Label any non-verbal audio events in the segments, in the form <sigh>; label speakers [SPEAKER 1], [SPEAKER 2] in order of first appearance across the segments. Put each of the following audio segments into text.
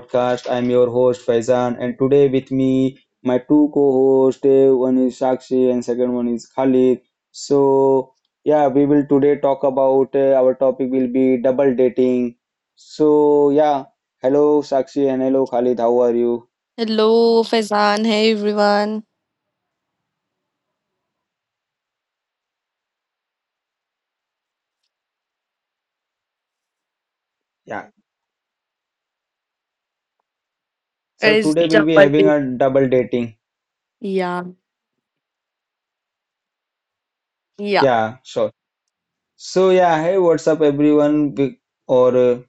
[SPEAKER 1] podcast. I'm your host Faizan, and today with me my two co-hosts. One is Sakshi, and second one is Khalid. So yeah, we will today talk about our topic will be double dating. So yeah, hello Sakshi and hello Khalid. How are you?
[SPEAKER 2] Hello, Faizan. Hey, everyone.
[SPEAKER 1] Yeah. So
[SPEAKER 2] Is
[SPEAKER 1] today we'll be
[SPEAKER 2] double.
[SPEAKER 1] having a double dating.
[SPEAKER 2] Yeah, Yeah.
[SPEAKER 1] Yeah, sure. So yeah, hey, what's up everyone? We- Or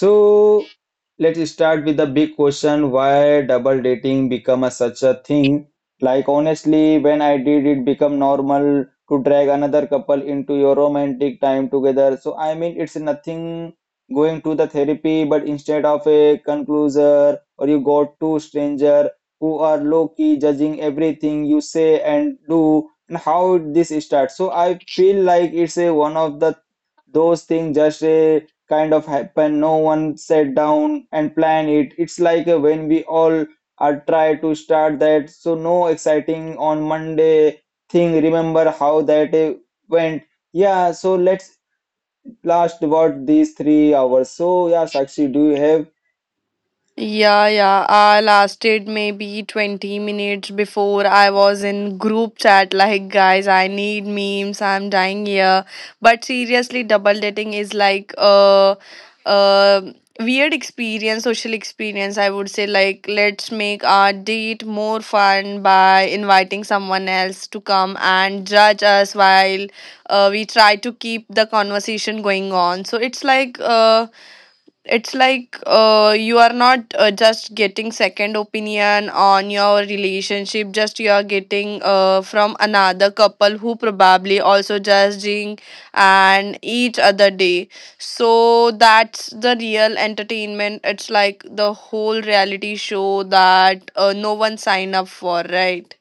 [SPEAKER 1] So let's start with the big question, why double dating become a, such a thing? Like honestly, when I did it become normal to drag another couple into your romantic time together. So I mean it's nothing going to the therapy, but instead of a concluser or you got two stranger who are low key judging everything you say and do and how this starts. So I feel like it's a one of the those things just a kind of happen. No one sat down and planned it. It's like when we all are try to start that. So no exciting on Monday thing. Remember how that went. Yeah, so let's last about these 3 hours. So yeah, Sakshi, do you have?
[SPEAKER 2] yeah. I lasted maybe 20 minutes before I was in group chat like, guys, I need memes. I'm dying here. But seriously, double dating is like a weird experience, social experience, I would say, like, let's make our date more fun by inviting someone else to come and judge us while we try to keep the conversation going on. So it's like you are not just getting second opinion on your relationship, just you are getting from another couple who probably also judging and each other day, so that's the real entertainment. It's like the whole reality show that no one sign up for, right?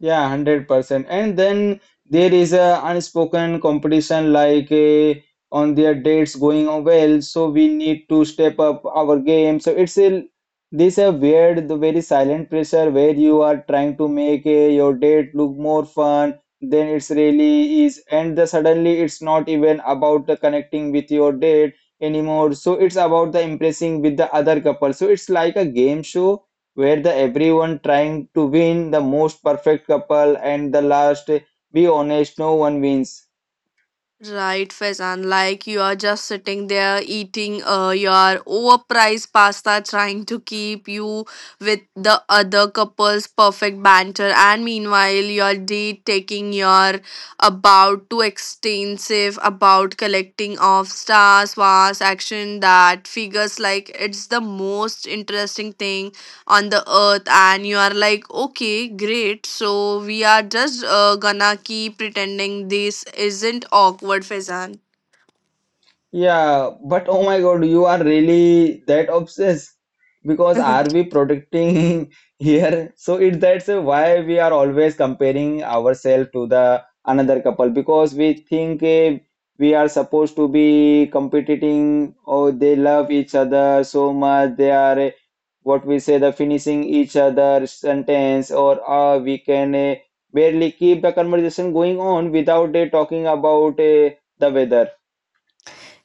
[SPEAKER 1] Yeah, 100%. And then there is a unspoken competition like on their dates going on well, so we need to step up our game. So it's a this a weird, the very silent pressure where you are trying to make your date look more fun than it's really is, and the suddenly it's not even about the connecting with your date anymore. So it's about the impressing with the other couple. So it's like a game show where the everyone trying to win the most perfect couple and the last be honest no one wins.
[SPEAKER 2] Right, Faizan. Like, you are just sitting there eating your overpriced pasta, trying to keep you with the other couple's perfect banter, and meanwhile, your date taking your about too extensive about collecting of stars, was action that figures like it's the most interesting thing on the earth, and you are like, okay, great, so we are just gonna keep pretending this isn't awkward, Fezan.
[SPEAKER 1] Yeah, but oh my god you are really that obsessed because are
[SPEAKER 2] <laughs>
[SPEAKER 1] we protecting <laughs> here? So it that's why we are always comparing ourselves to the another couple because we think we are supposed to be competing or they love each other so much they are what we say the finishing each other sentence or we can barely keep the conversation going on without talking about the weather.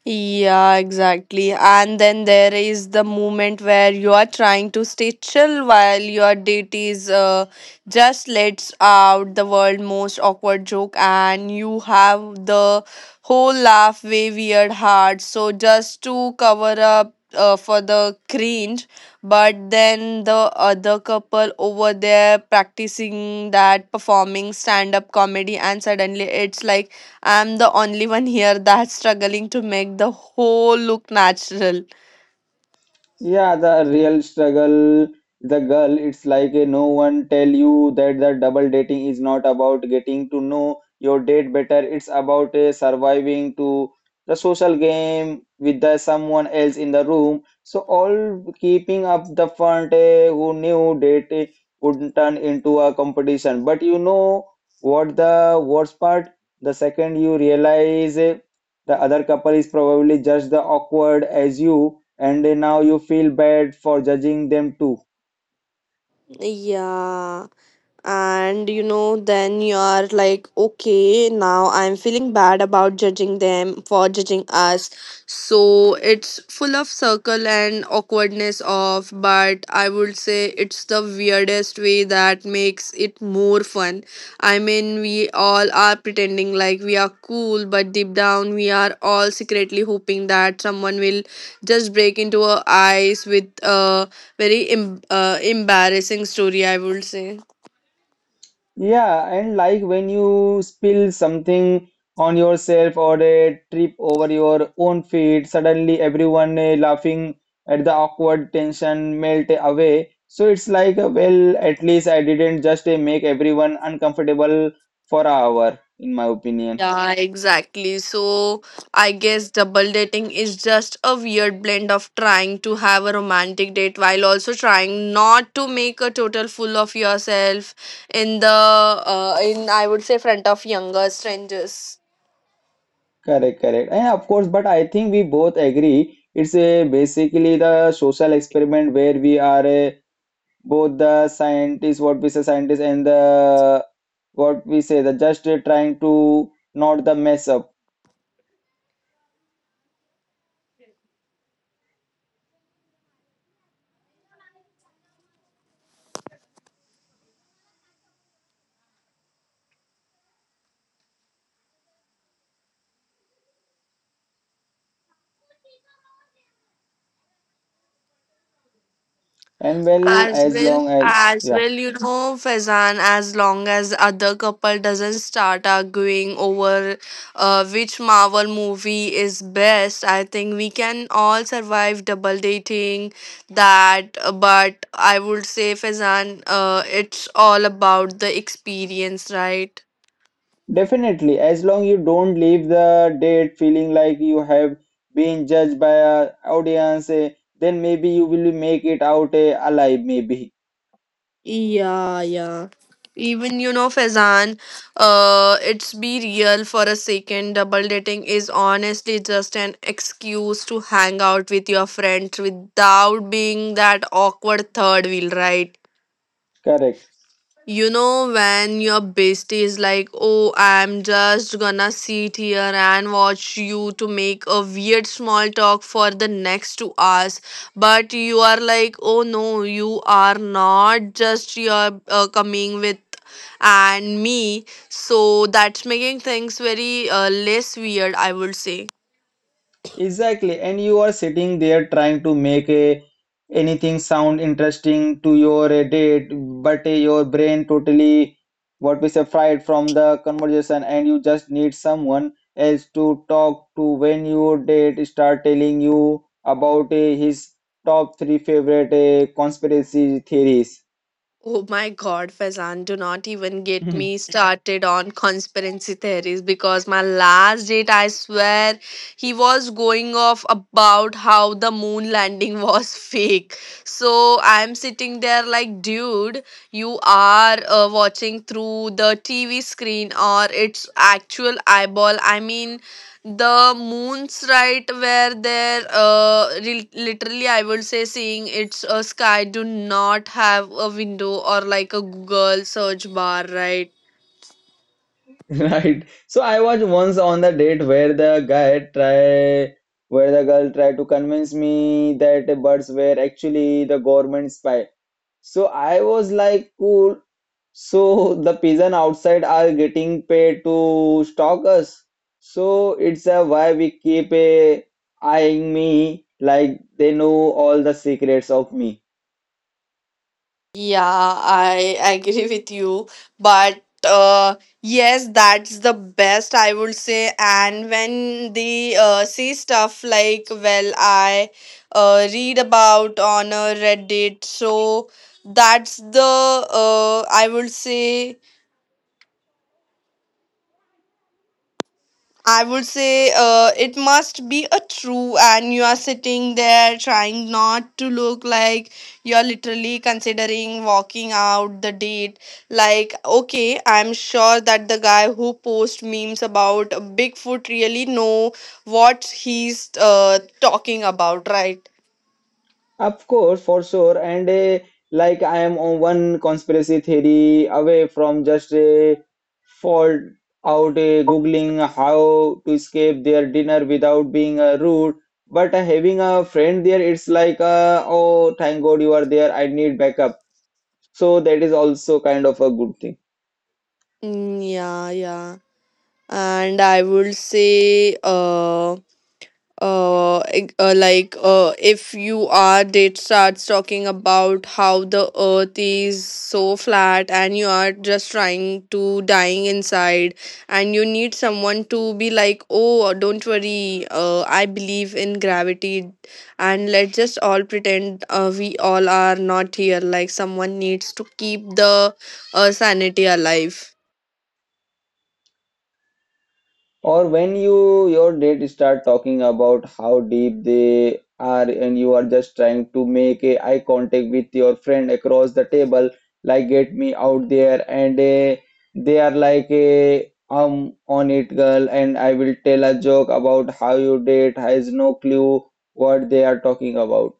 [SPEAKER 2] Yeah, exactly. And then there is the moment where you are trying to stay chill while your date is just lets out the world most awkward joke, and you have the whole laugh way weird heart. So just to cover up for the cringe, but then the other couple over there practicing that performing stand up comedy, and suddenly it's like I'm the only one here that's struggling to make the whole look natural.
[SPEAKER 1] Yeah, the real struggle, the girl, it's like a no one tell you that the double dating is not about getting to know your date better. It's about a surviving to the social game with the someone else in the room. So all keeping up the front, who knew date would turn into a competition. But you know what the worst part? The second you realize the other couple is probably just the awkward as you and now you feel bad for judging them too.
[SPEAKER 2] Yeah, and you know, then you're like, okay, now I'm feeling bad about judging them for judging us, so it's full of circle and awkwardness of, but I would say it's the weirdest way that makes it more fun. I mean, we all are pretending like we are cool, but deep down we are all secretly hoping that someone will just break into our eyes with a very embarrassing story, I would say.
[SPEAKER 1] Yeah, and like when you spill something on yourself or a trip over your own feet, suddenly everyone laughing at the awkward tension melt away. So it's like, well, at least I didn't just make everyone uncomfortable for an hour, in my opinion.
[SPEAKER 2] Yeah, exactly. So I guess double dating is just a weird blend of trying to have a romantic date while also trying not to make a total fool of yourself in the in I would say front of younger strangers.
[SPEAKER 1] Correct, correct. And of course, but I think we both agree it's a basically the social experiment where we are. Both the scientists, what we say scientists and the what we say the just trying to not the mess up. And well, as long as
[SPEAKER 2] As
[SPEAKER 1] yeah,
[SPEAKER 2] well, you know, Faizan, as long as other couple doesn't start arguing over which Marvel movie is best, I think we can all survive double dating that. But I would say, Faizan, it's all about the experience, right?
[SPEAKER 1] definitely, as long you don't leave the date feeling like you have been judged by a audience, then maybe you will make it out alive. Maybe
[SPEAKER 2] Yeah, yeah. Even you know, Fezan, it's be real for a second. Double dating is honestly just an excuse to hang out with your friends without being that awkward third wheel, right?
[SPEAKER 1] correct.
[SPEAKER 2] You know, when your bestie is like, oh, I'm just gonna sit here and watch you to make a weird small talk for the next 2 hours, but you are like, oh no, you are not just you're coming with and me, so that's making things very less weird, I would say.
[SPEAKER 1] Exactly, and you are sitting there trying to make a anything sound interesting to your date, but your brain totally what we say fried from the conversation, and you just need someone else to talk to when your date start telling you about his top three favorite conspiracy theories.
[SPEAKER 2] Oh my God, Faizan, do not even get me <laughs>
[SPEAKER 1] <laughs>
[SPEAKER 2] started on conspiracy theories, because my last date, I swear, he was going off about how the moon <laughs> landing was fake. So I'm sitting there like, dude, you are watching through the TV screen or it's actual eyeball. I mean, the moons right were there literally, I would say seeing it's a sky, do not have a window or like a Google search bar, right?
[SPEAKER 1] <laughs> Right. So I was once on the date where the guy try where the girl tried to convince me that the birds were actually the government spy. So I was like, cool. So <laughs> the pigeon outside are getting paid to stalk us. So it's a why we keep a eyeing me like they know all the secrets of me.
[SPEAKER 2] Yeah, I agree with you, but uh, yes, that's the best, I would say. And when they see stuff like, well, I read about on a Reddit, so that's the I would say I would say it must be a true, and you are sitting there trying not to look like you're literally considering walking out the date. Like, okay, I'm sure that the guy who posts memes about Bigfoot really know what he's talking about, right?
[SPEAKER 1] Of course, for sure. And like I am on one conspiracy theory away from just a fault out Googling how to escape their dinner without being rude. But having a friend there, it's like, oh, thank God you are there. I need backup. So that is also kind of a good thing.
[SPEAKER 2] Yeah, yeah. And I would say eg- uh, like, if you are it starts talking about how the earth is so flat, and you are just trying to dying inside, and you need someone to be like, oh, don't worry, I believe in gravity, and let's just all pretend we all are not here, like someone needs to keep the sanity alive.
[SPEAKER 1] Or when you your date start talking about how deep they are and you are just trying to make a eye contact with your friend across the table, like get me out there and they are like a on it girl and I will tell a joke about how your date has no clue what they are talking about.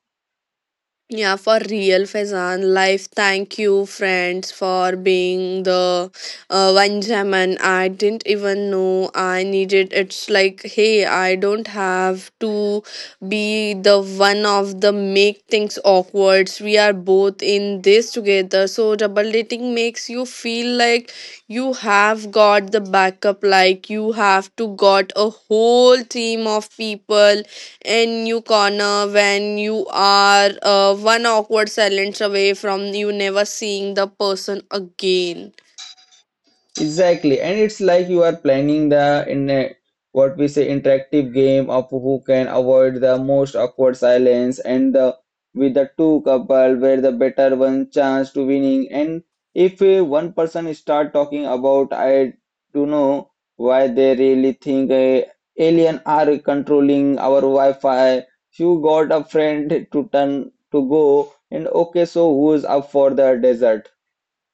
[SPEAKER 2] Yeah, for real, Faizan. Life, thank you, friends, for being the one gem. And I didn't even know I needed. It's like, hey, I don't have to be the one of the make things awkward. We are both in this together. So double dating makes you feel like you have got the backup. Like, you have to got a whole team of people in your corner when you are one awkward silence away from you never seeing the person again.
[SPEAKER 1] Exactly, and it's like you are planning the in a, what we say interactive game of who can avoid the most awkward silence and the with the two couple where the better one chance to winning and if one person start talking about I do know why they really think alien are controlling our Wi-Fi you got a friend to turn to go and okay so who's up for the desert.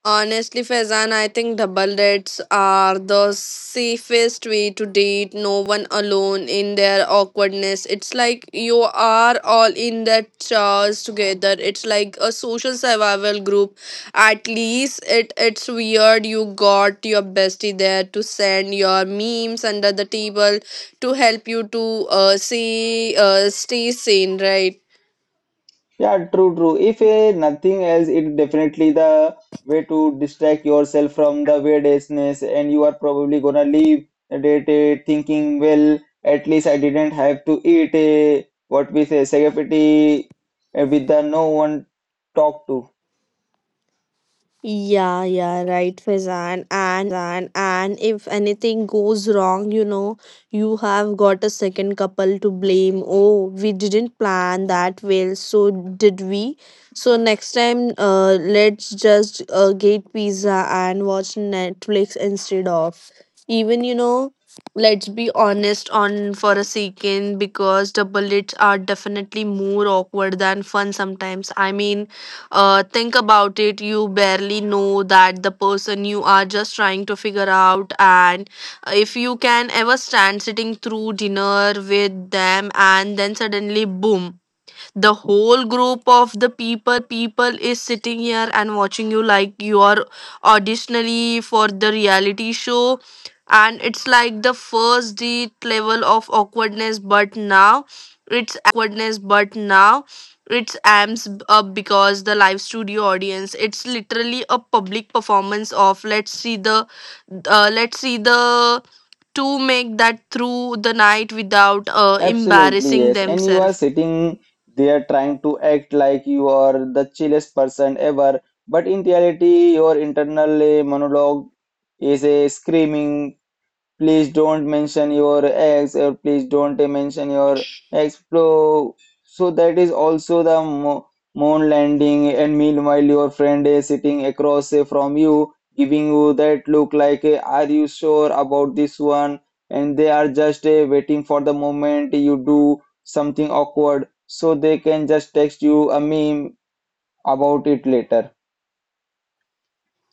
[SPEAKER 2] Honestly, Faizan, I think double dates are the safest way to date, no one alone in their awkwardness. It's like you are all in that chairs together. It's like a social survival group. At least it's weird, you got your bestie there to send your memes under the table to help you to see stay sane, right?
[SPEAKER 1] Yeah, true, true. If nothing else, it definitely the way to distract yourself from the weirdness, and you are probably gonna leave the day thinking, well, at least I didn't have to eat what we say, spaghetti with the no one talk to.
[SPEAKER 2] Yeah, yeah, right, Faizan. And if anything goes wrong, you know, you have got a second couple to blame. Oh, we didn't plan that well, so did we? So next time, let's just get pizza and watch Netflix instead of. Even, you know, let's be honest on for a second, because double dates are definitely more awkward than fun sometimes. I mean, think about it, you barely know that the person, you are just trying to figure out, and if you can ever stand sitting through dinner with them, and then suddenly boom, the whole group of the people is sitting here and watching you like you are auditionally for the reality show, and it's like the first date level of awkwardness, but now it's amps up because the live studio audience, it's literally a public performance of, let's see the two make that through the night without
[SPEAKER 1] Absolutely,
[SPEAKER 2] embarrassing
[SPEAKER 1] yes. And you are
[SPEAKER 2] themselves.
[SPEAKER 1] sitting there trying to act like you are the chillest person ever, but in reality, your internal monologue is a screaming please don't mention your ex, or please don't mention your ex. Bro. So that is also the moon landing, and meanwhile your friend is sitting across from you, giving you that look like, "Are you sure about this one?" And they are just waiting for the moment you do something awkward, so they can just text you a meme about it later.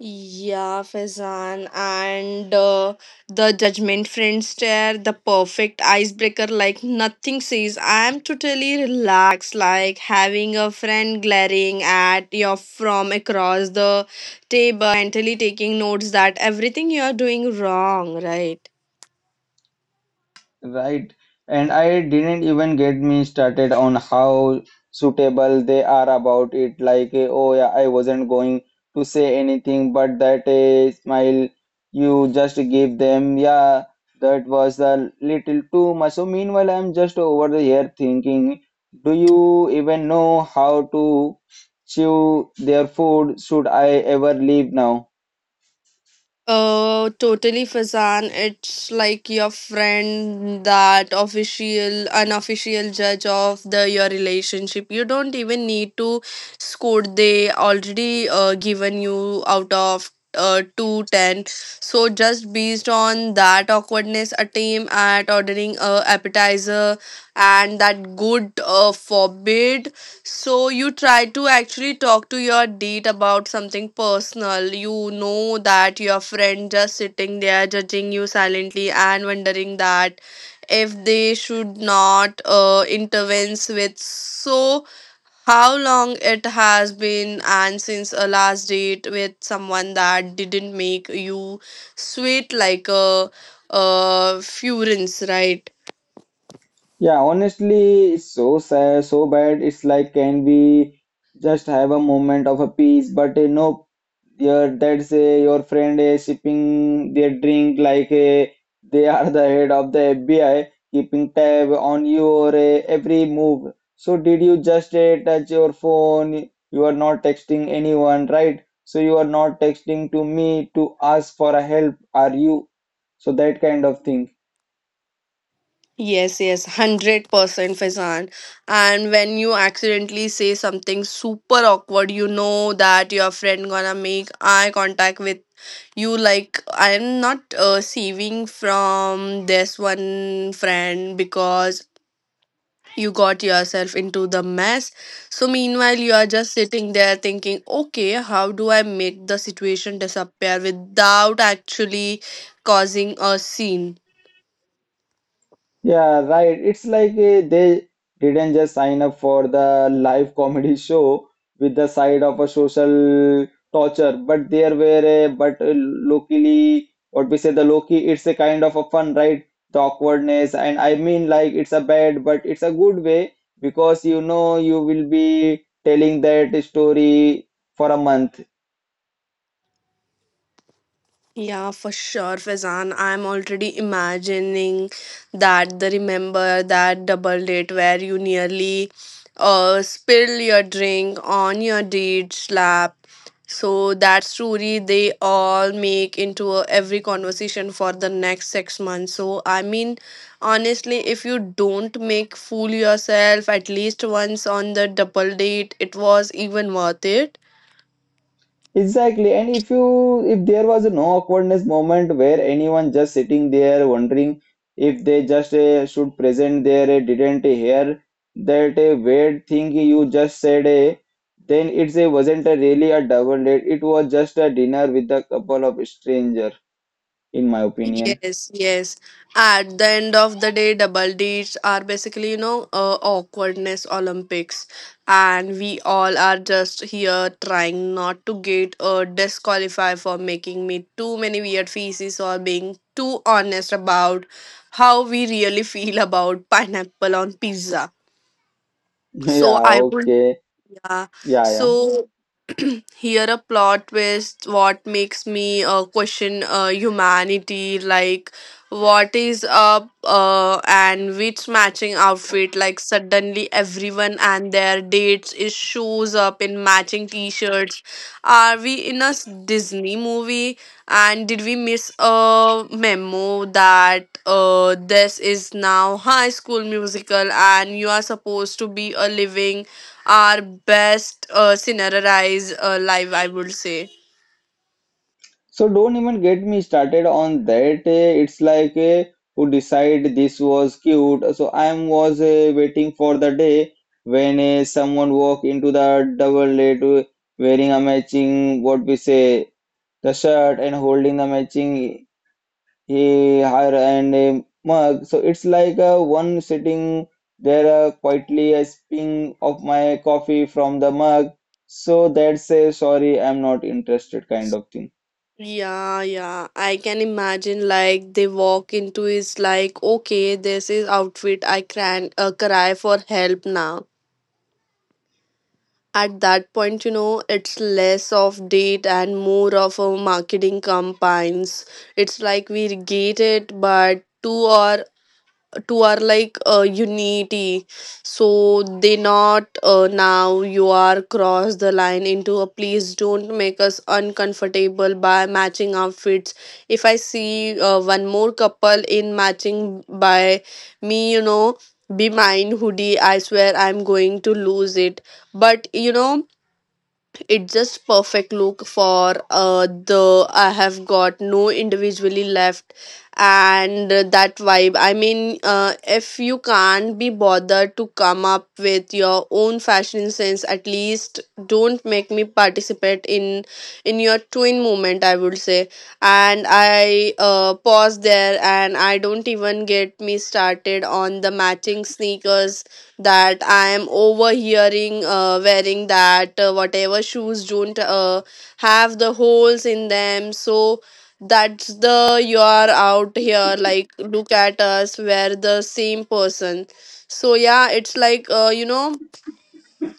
[SPEAKER 2] Yeah, Faizan, and the judgment friend stare, the perfect icebreaker, like, nothing says, I'm totally relaxed, like having a friend glaring at you from across the table, mentally taking notes that everything you're doing wrong, right?
[SPEAKER 1] Right. And I didn't even get me started on how suitable they are about it. Like, oh yeah, I wasn't going to say anything, but that smile you just give them, yeah, that was a little too much. So meanwhile, I'm just over here thinking, do you even know how to chew their food? Should I ever leave now?
[SPEAKER 2] Oh, totally, Faizan. It's like your friend, that official, unofficial judge of the your relationship. You don't even need to score. They already given you out of 2 10. So just based on that awkwardness, a team at ordering a appetizer, and that good forbid so you try to actually talk to your date about something personal. You know that your friend just sitting there judging you silently and wondering that if they should not intervene with. So how long it has been and since a last date with someone that didn't make you sweat like a furence, right?
[SPEAKER 1] Yeah, honestly, it's so sad, so bad. It's like, can we just have a moment of a peace? But no, your that's your friend is sipping their drink like they <laughs> are the head of the FBI, keeping tab on your every move. So did you just touch your phone? You are not texting anyone, right? So you are not texting to me to ask for a help, are you? So that kind of thing.
[SPEAKER 2] Yes, yes, 100% Faizan. And when you accidentally say something super awkward, you know that your friend gonna make eye contact with you. Like, I'm not saving from this one friend, because you got yourself into the mess. So, meanwhile, you are just sitting there thinking, okay, how do I make the situation disappear without actually causing a scene?
[SPEAKER 1] Yeah, right. It's like they didn't just sign up for the live comedy <laughs> show with the side of a social torture, but there were a but locally what we say the Loki, it's a kind of a fun, right? The awkwardness, and I mean like it's a bad, but it's a good way because you know you will be telling that story for a month.
[SPEAKER 2] Yeah, for sure, Fazan. I'm already imagining that the, remember that double date where you nearly spill your drink on your date's lap. So that story they all make into a, every conversation for the next 6 months. So I mean, honestly, if you don't make fool yourself at least once on the double date, it was even worth it.
[SPEAKER 1] Exactly. And if you if there was no awkwardness moment where anyone just sitting there wondering if they just should present their didn't hear that weird thing you just said, then it's a wasn't a really a double date. It was just a dinner with a couple of stranger, in my opinion.
[SPEAKER 2] Yes, yes. At the end of the day, double Ds are basically, you know, awkwardness Olympics. And we all are just here trying not to get disqualified for making me too many weird faces or being too honest about how we really <laughs> feel about pineapple on pizza.
[SPEAKER 1] <laughs>
[SPEAKER 2] So
[SPEAKER 1] Yeah,
[SPEAKER 2] I would,
[SPEAKER 1] okay.
[SPEAKER 2] yeah.
[SPEAKER 1] Yeah, yeah.
[SPEAKER 2] So here a plot twist what makes me question humanity, like, what is up and which matching outfit, like, suddenly everyone and their dates is shows up in matching t-shirts. Are we in a Disney movie, and did we miss a memo that this is now High School Musical, and you are supposed to be a living our best scenarized life, I would say.
[SPEAKER 1] So don't even get me started on that. It's like who decide this was cute. So I was waiting for the day when someone walk into the double date wearing a matching what we say the shirt and holding the matching her and a mug. So it's like one sitting there quietly a sipping of my coffee from the mug. So that's a sorry, I'm not interested kind of thing.
[SPEAKER 2] Yeah, yeah. I can imagine, like, they walk into is like, okay, this is outfit. I can cry for help now. At that point, you know, it's less of date and more of a marketing campaigns. It's like we get it, but to our like unity, so they not now you are cross the line into a please don't make us uncomfortable by matching outfits. If I see one more couple in matching by me, you know, be mine hoodie, I swear I'm going to lose it. But you know, it's just perfect look for the I have got no individually left and that vibe. If you can't be bothered to come up with your own fashion sense, at least don't make me participate in your twin moment, I would say. And I pause there and I don't even get me started on the matching sneakers that I am overhearing wearing, that whatever shoes don't have the holes in them. So that's the you are out here like look at us, we're the same person. So yeah, it's like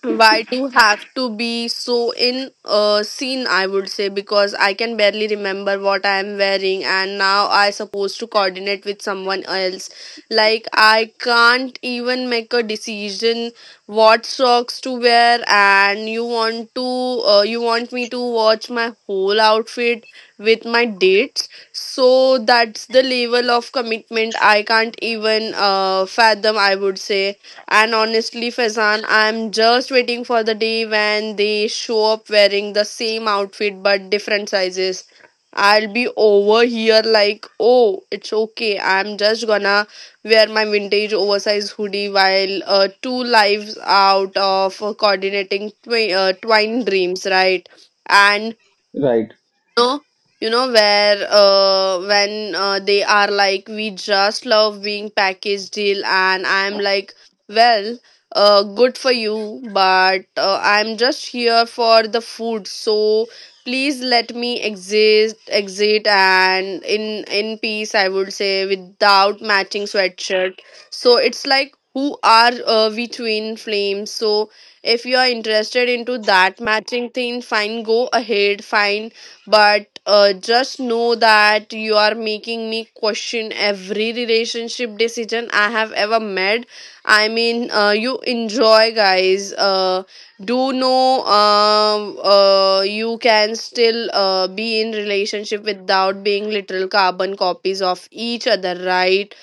[SPEAKER 2] why do have to be so in scene? I would say, because I can barely remember what I am wearing, and now I supposed to coordinate with someone else. Like I can't even make a decision what socks to wear, and you want to you want me to watch my whole outfit with my dates. So that's the level of commitment I can't even fathom, I would say. And honestly, Faizan, I'm just waiting for the day when they show up wearing the same outfit but different sizes. I'll be over here like, oh, it's okay, I'm just gonna wear my vintage oversized hoodie while two lives out of coordinating twine dreams, right? And
[SPEAKER 1] Right.
[SPEAKER 2] know, you know where when they are like we just love being package deal, and I'm like, well good for you, but I'm just here for the food, so please let me exist exit and in peace, I would say, without matching sweatshirt. So it's like, who are we twin flames? So if you are interested into that matching thing, fine, go ahead, fine, but just know that you are making me question every relationship decision I have ever made. You enjoy guys do know you can still be in relationship without being literal carbon copies of each other, right?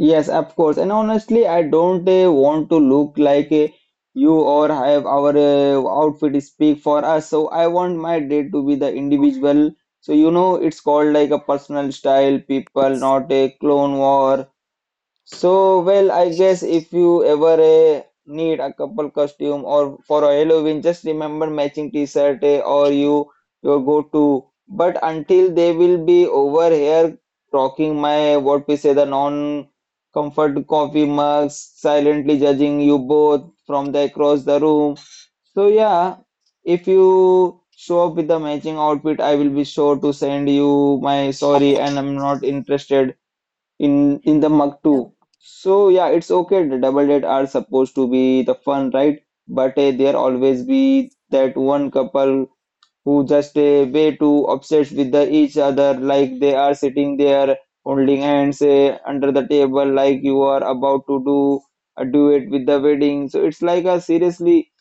[SPEAKER 1] Yes, of course. And honestly, I don't want to look like you or have our outfit speak for us. So I want my date to be the individual. So you know, it's called like a personal style, people, not a clone war. So, well, I guess if you ever need a couple costume or for a Halloween, just remember matching t-shirt or you your go-to. But until they will be over here talking my what we say the non-comfort coffee mugs, silently judging you both from the across the room. So yeah, if you show up with the matching outfit, I will be sure to send you my sorry and I'm not interested in the mug too. So yeah, it's okay. The double date are supposed to be the fun, right? But there always be that one couple who just way too obsessed with the each other, like they are sitting there holding hands under the table, like you are about to do do it with the wedding. So it's like a seriously.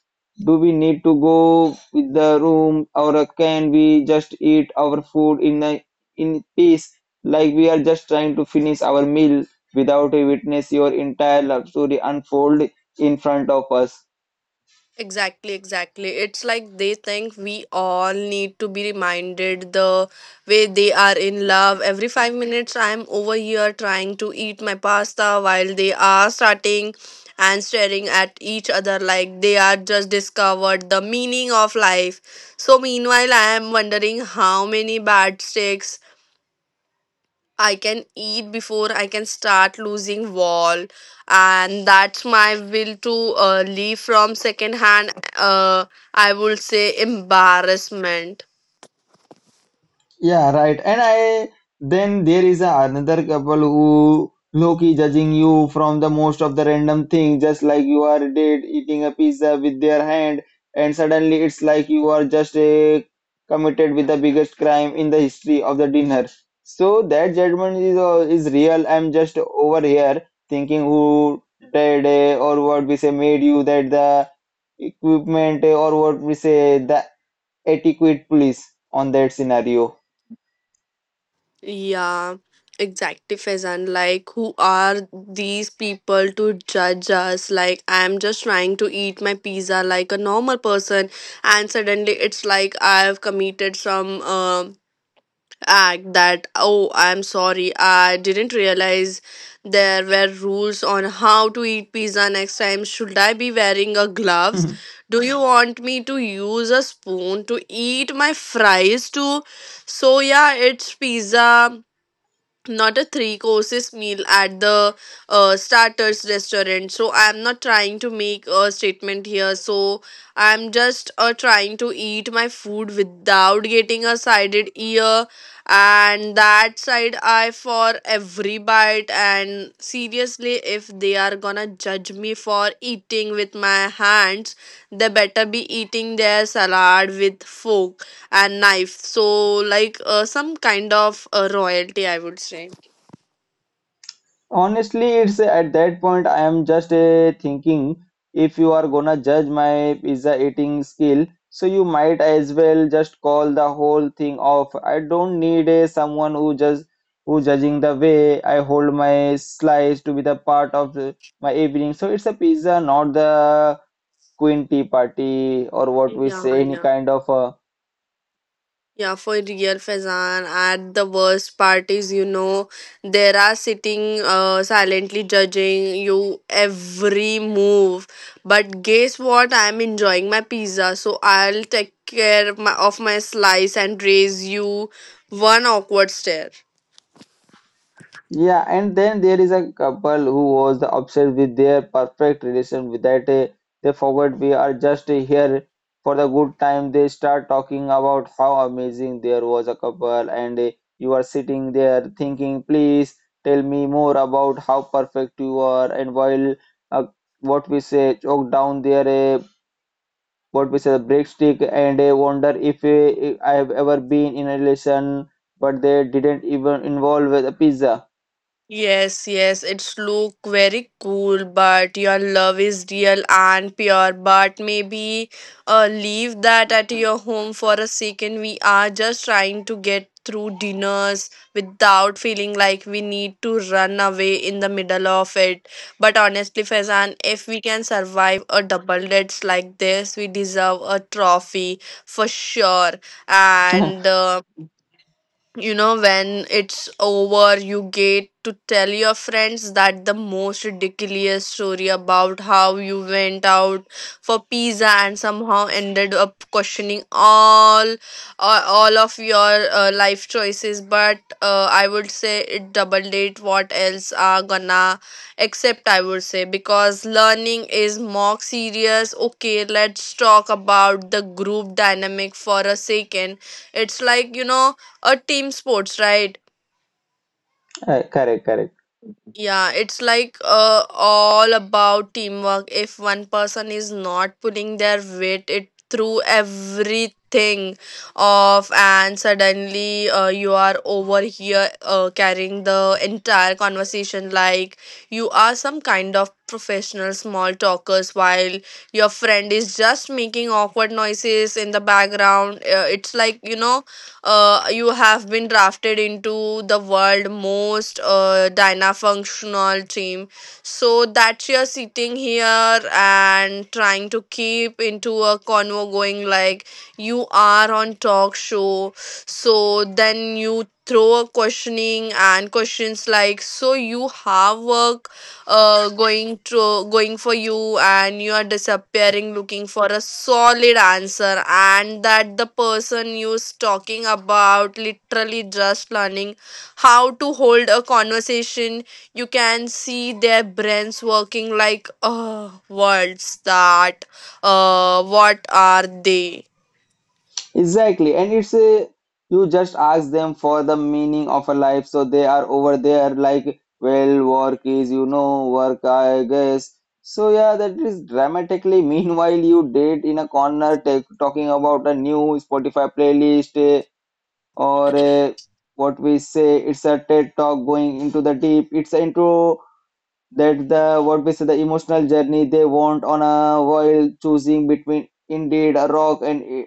[SPEAKER 1] Do we need to go with the room, or can we just eat our food in peace, like we are just trying to finish our meal without a witness your entire love story unfold in front of us?
[SPEAKER 2] Exactly, exactly. It's like they think we all need to be reminded the way they are in love. Every 5 minutes, I'm over here trying to eat my pasta while they are starting and staring at each other like they are just discovered the meaning of life. So, meanwhile, I am wondering how many bad sticks I can eat before I can start losing wall, and that's my will to leave from second hand. Uh, I would say embarrassment.
[SPEAKER 1] Yeah, right. And I then there is a another couple who low judging you from the most of the random thing, just like you are dead eating a pizza with their hand, and suddenly it's like you are just committed with the biggest crime in the history of the dinner. So that judgment is real. I'm just over here thinking, who did or what we say made you that the equipment or what we say the etiquette police on that scenario.
[SPEAKER 2] Yeah, exactly, Faizan. Like, who are these people to judge us? Like, I'm just trying to eat my pizza like a normal person, and suddenly it's like I've committed some act that, oh, I'm sorry, I didn't realize there were rules on how to eat pizza next time. Should I be wearing a gloves?
[SPEAKER 1] <laughs>
[SPEAKER 2] Do you want me to use a spoon to eat my fries too? So yeah, it's pizza not a three courses meal at the starters restaurant. So I'm not trying to make a statement here, so I'm just trying to eat my food without getting a sided ear and that side eye for every bite. And seriously, if they are gonna judge me for eating with my hands, they better be eating their salad with fork and knife. So, like some kind of royalty, I would say.
[SPEAKER 1] Honestly, it's at that point I am just thinking, if you are gonna judge my pizza eating skill, so you might as well just call the whole thing off. I don't need someone who judging the way I hold my slice to be the part of my evening. So it's a pizza, not the queen tea party or what
[SPEAKER 2] Yeah,
[SPEAKER 1] we say, any
[SPEAKER 2] yeah.
[SPEAKER 1] kind of
[SPEAKER 2] Yeah, for real, Faizan. At the worst part is, you know, there are sitting silently judging you every move. But guess what? I'm enjoying my pizza, so I'll take care of my slice and raise you one awkward stare.
[SPEAKER 1] yeah, and then there is a couple who was obsessed with their perfect relation without a they forgot we are just here for the good time. They start talking about how amazing there was a couple, and you are sitting there thinking, please tell me more about how perfect you are. And while uh, what we say, choke down there, what we say, break stick, and wonder if I have ever been in a relation, but they didn't even involve with a pizza.
[SPEAKER 2] Yes, yes, it's look very cool, but your love is real and pure. But maybe leave that at your home for a second. We are just trying to get through dinners without feeling like we need to run away in the middle of it. But honestly, Faizan, if we can survive a double dates like this, we deserve a trophy for sure. And
[SPEAKER 1] <laughs>
[SPEAKER 2] you know, when it's over you get to tell your friends that the most ridiculous story about how you went out for pizza and somehow ended up questioning all of your life choices. But I would say it double date, what else are gonna accept, I would say, because learning is more serious. Okay, let's talk about the group dynamic for a second. It's like, you know, a team sports, right?
[SPEAKER 1] Correct, correct.
[SPEAKER 2] Yeah, it's like all about teamwork. If one person is not pulling their weight, it through everything off, and suddenly you are over here carrying the entire conversation like you are some kind of professional small talkers while your friend is just making awkward noises in the background. Uh, It's like, you know, you have been drafted into the world most functional team. So that you're sitting here and trying to keep into a convo going like you are on talk show. So then you throw a questioning and questions like, so you have work going for you, and you are disappearing looking for a solid answer, and that the person you's talking about literally just learning how to hold a conversation. You can see their brains working like, oh, words that what are they.
[SPEAKER 1] Exactly. And you just ask them for the meaning of a life. So they are over there like, well, work is, work, I guess. So yeah, that is dramatically. <laughs> Meanwhile, you date in a corner talking about a new Spotify playlist or what we say, it's a TED talk going into the deep. It's into that the what we say the emotional journey they want on, a while choosing between indeed a rock and eh,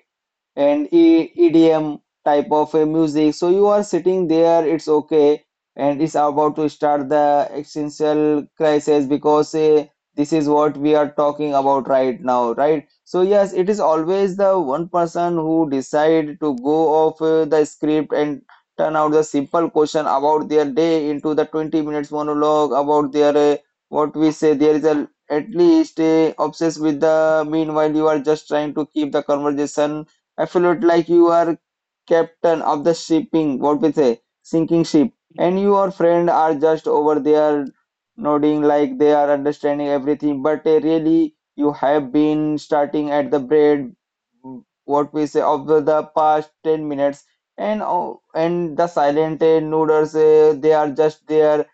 [SPEAKER 1] and E EDM type of a music. So you are sitting there, it's okay, and it's about to start the existential crisis because this is what we are talking about right now, right? So yes, it is always the one person who decide to go off the script and turn out the simple question about their day into the 20 minutes monologue about their what we say there is a at least obsessed with the meanwhile you are just trying to keep the conversation. I felt like you are captain of the shipping, what we say, sinking ship, and your friend are just over there nodding like they are understanding everything, but really you have been starting at the bread, what we say, of the past 10 minutes, and oh, and the silent noodles, they are just there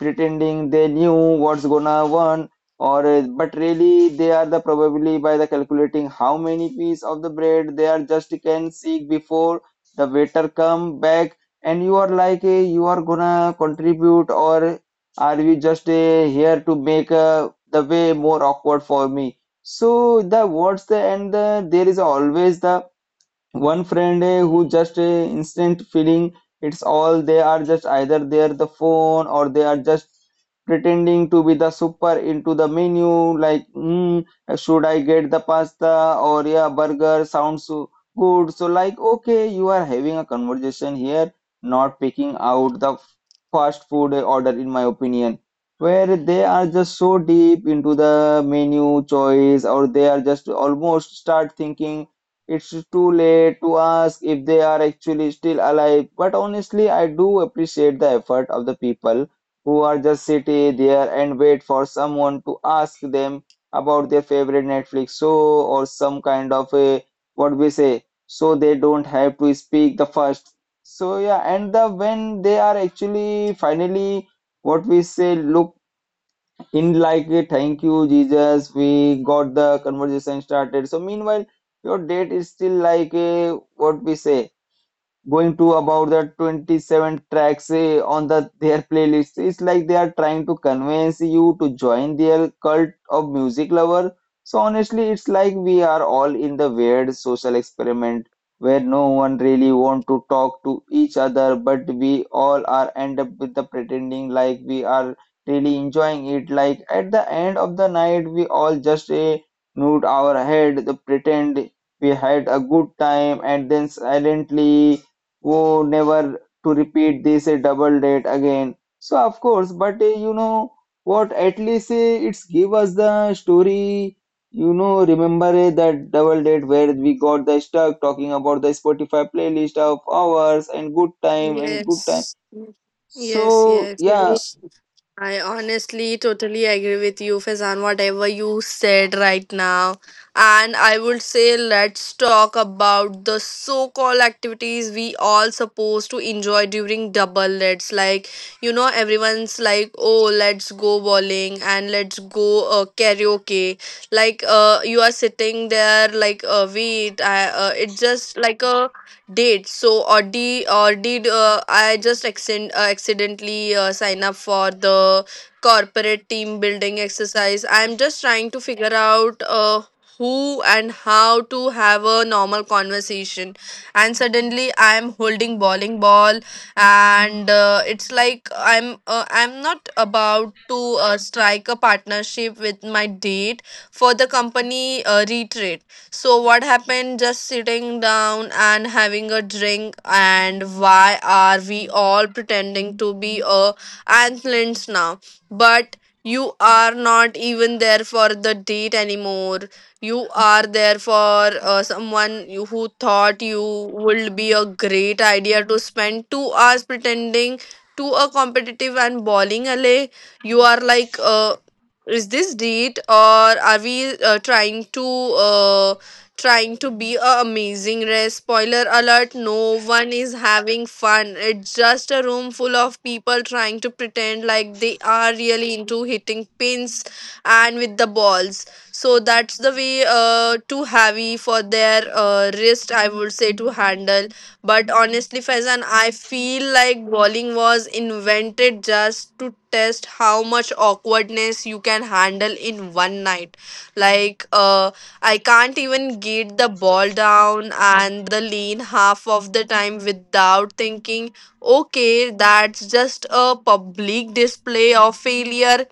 [SPEAKER 1] pretending they knew what's gonna won or but really they are the probably by the calculating how many piece of the bread they are just can seek before the waiter come back. And you are you are gonna contribute, or are we just here to make the way more awkward for me, so the words the and the, there is always the one friend who just instant feeling it's all. They are just either they're the phone or they are just pretending to be the super into the menu, like should I get the pasta or yeah burger sounds so good. So like, okay, you are having a conversation here, not picking out the fast food order, in my opinion, where they are just so deep into the menu choice, or they are just almost start thinking it's too late to ask if they are actually still alive. But honestly, I do appreciate the effort of the people who are just sitting there and wait for someone to ask them about their favorite Netflix show, or some kind of a what we say, so they don't have to speak the first. So yeah, and the when they are actually finally what we say look in, like, a thank you Jesus, we got the conversation started. So meanwhile your date is still like a what we say going to about the 27 tracks on their playlist. It's like they are trying to convince you to join their cult of music lover. So honestly, it's like we are all in the weird social experiment where no one really want to talk to each other, but we all are end up with the pretending like we are really enjoying it. Like at the end of the night we all just nod our head, the pretend we had a good time, and then silently oh, never to repeat this a double date again. So of course, but you know what? At least it's give us the story. You know, remember that double date where we got the stuck talking about the Spotify playlist of ours and good time and good time.
[SPEAKER 2] Yes, yes,
[SPEAKER 1] So
[SPEAKER 2] yes,
[SPEAKER 1] yeah,
[SPEAKER 2] yes, I honestly totally agree with you, Faizan, whatever you said right now. And I would say let's talk about the so-called activities we all supposed to enjoy during double lets. Like, you know, everyone's like, oh, let's go bowling and let's go karaoke. Like, you are sitting there like, wait, it's just like a date. So or did I just accidentally sign up for the corporate team building exercise? I'm just trying to figure out who and how to have a normal conversation, and suddenly I'm holding bowling ball, and it's like I'm not about to strike a partnership with my date for the company retreat. So, what happened? Just sitting down and having a drink, and why are we all pretending to be a athletes now? But you are not even there for the date anymore. You are there for someone you, who thought you would be a great idea to spend 2 hours pretending to a competitive and bowling alley. You are like, is this date, or are we trying to be a amazing race? Spoiler alert, no one is having fun. It's just a room full of people trying to pretend like they are really into hitting pins and with the balls. So that's the way too heavy for their wrist, I would say, to handle. But honestly, Faizan, I feel like bowling was invented just to test how much awkwardness you can handle in one night. Like, I can't even get the ball down and the lane half of the time without thinking, okay, that's just a public display of failure.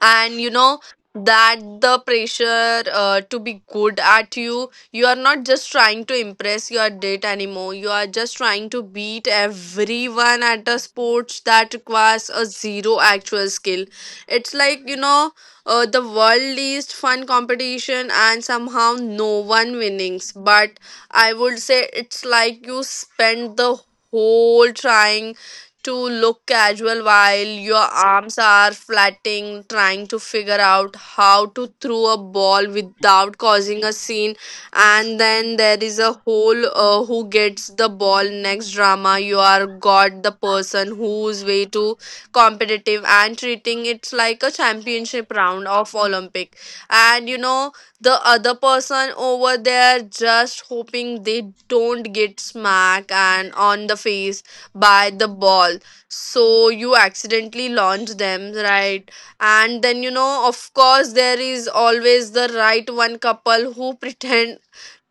[SPEAKER 2] And you know that the pressure to be good at you are not just trying to impress your date anymore, you are just trying to beat everyone at a sport that requires a zero actual skill. It's like, you know, the world least fun competition and somehow no one winnings. But I would say, it's like you spend the whole trying to look casual while your arms are flatting, trying to figure out how to throw a ball without causing a scene. And then there is a whole who gets the ball next drama. You are got the person who's way too competitive and treating it like a championship round of Olympic. And you know, the other person over there just hoping they don't get smack and on the face by the ball, so you accidentally launch them right. And then, you know, of course there is always the right one couple who <laughs> pretend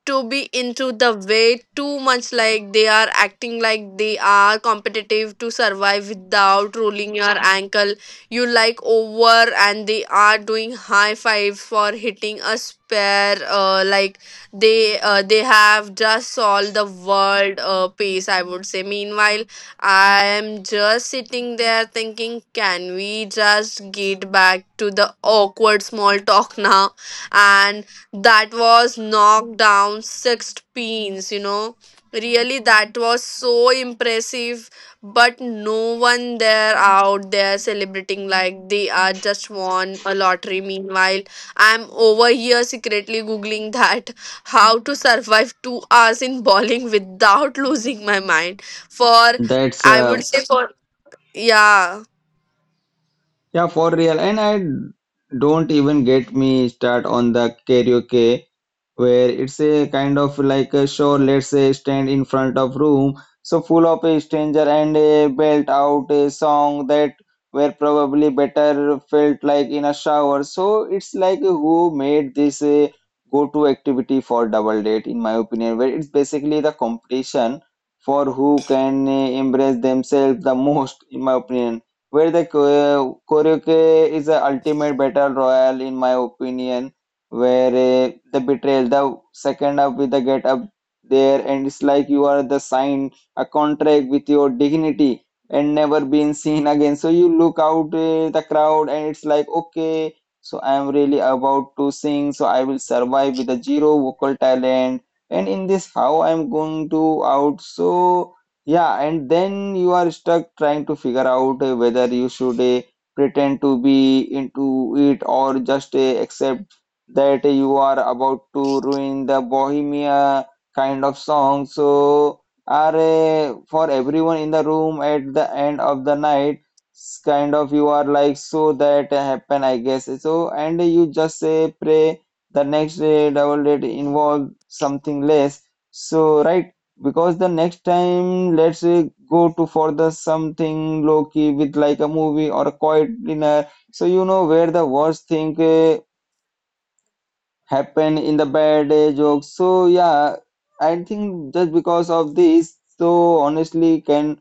[SPEAKER 2] to be into the way too much, like they are acting like they are competitive to survive without rolling your ankle you like over, and they are doing high fives for hitting a spare like they have just solved the world pace, I would say. Meanwhile I am just sitting there thinking, can we just get back to the awkward small talk <laughs> now? And that was knocked down 6 pins, you know, really that was so impressive. But no one there out there celebrating like they are just won a lottery. Meanwhile I'm over here secretly googling that <laughs> how to survive 2 hours in bowling without losing my mind for
[SPEAKER 1] that's
[SPEAKER 2] I would say for yeah.
[SPEAKER 1] yeah, for real. And I don't even get me start on the karaoke, where it's a kind of like a show, let's say, stand in front of room so full of a stranger and a belt out a song that were probably better felt like in a shower. So it's like, who made this a go-to activity for double date, in my opinion, where it's basically the competition for who can embrace themselves the most, in my opinion, where the karaoke is the ultimate battle royale, in my opinion, where the betrayal, the second up with the get up there, and it's like you are the sign a contract with your dignity and never being seen again. So you look out the crowd, and it's like, okay, so I am really about to sing, so I will survive with a zero vocal talent, and in this how I am going to out so. Yeah, and then you are stuck trying to figure out whether you should pretend to be into it or just accept that you are about to ruin the bohemia kind of song. So are for everyone in the room at the end of the night, kind of you are like, so that happen, I guess, so, and you just say, pray the next day double date involve something less. So right, because the next time let's go to for the something low key, with like a movie or a quiet dinner, so you know, where the worst thing happened in the bad jokes. So yeah, I think just because of this, so honestly, can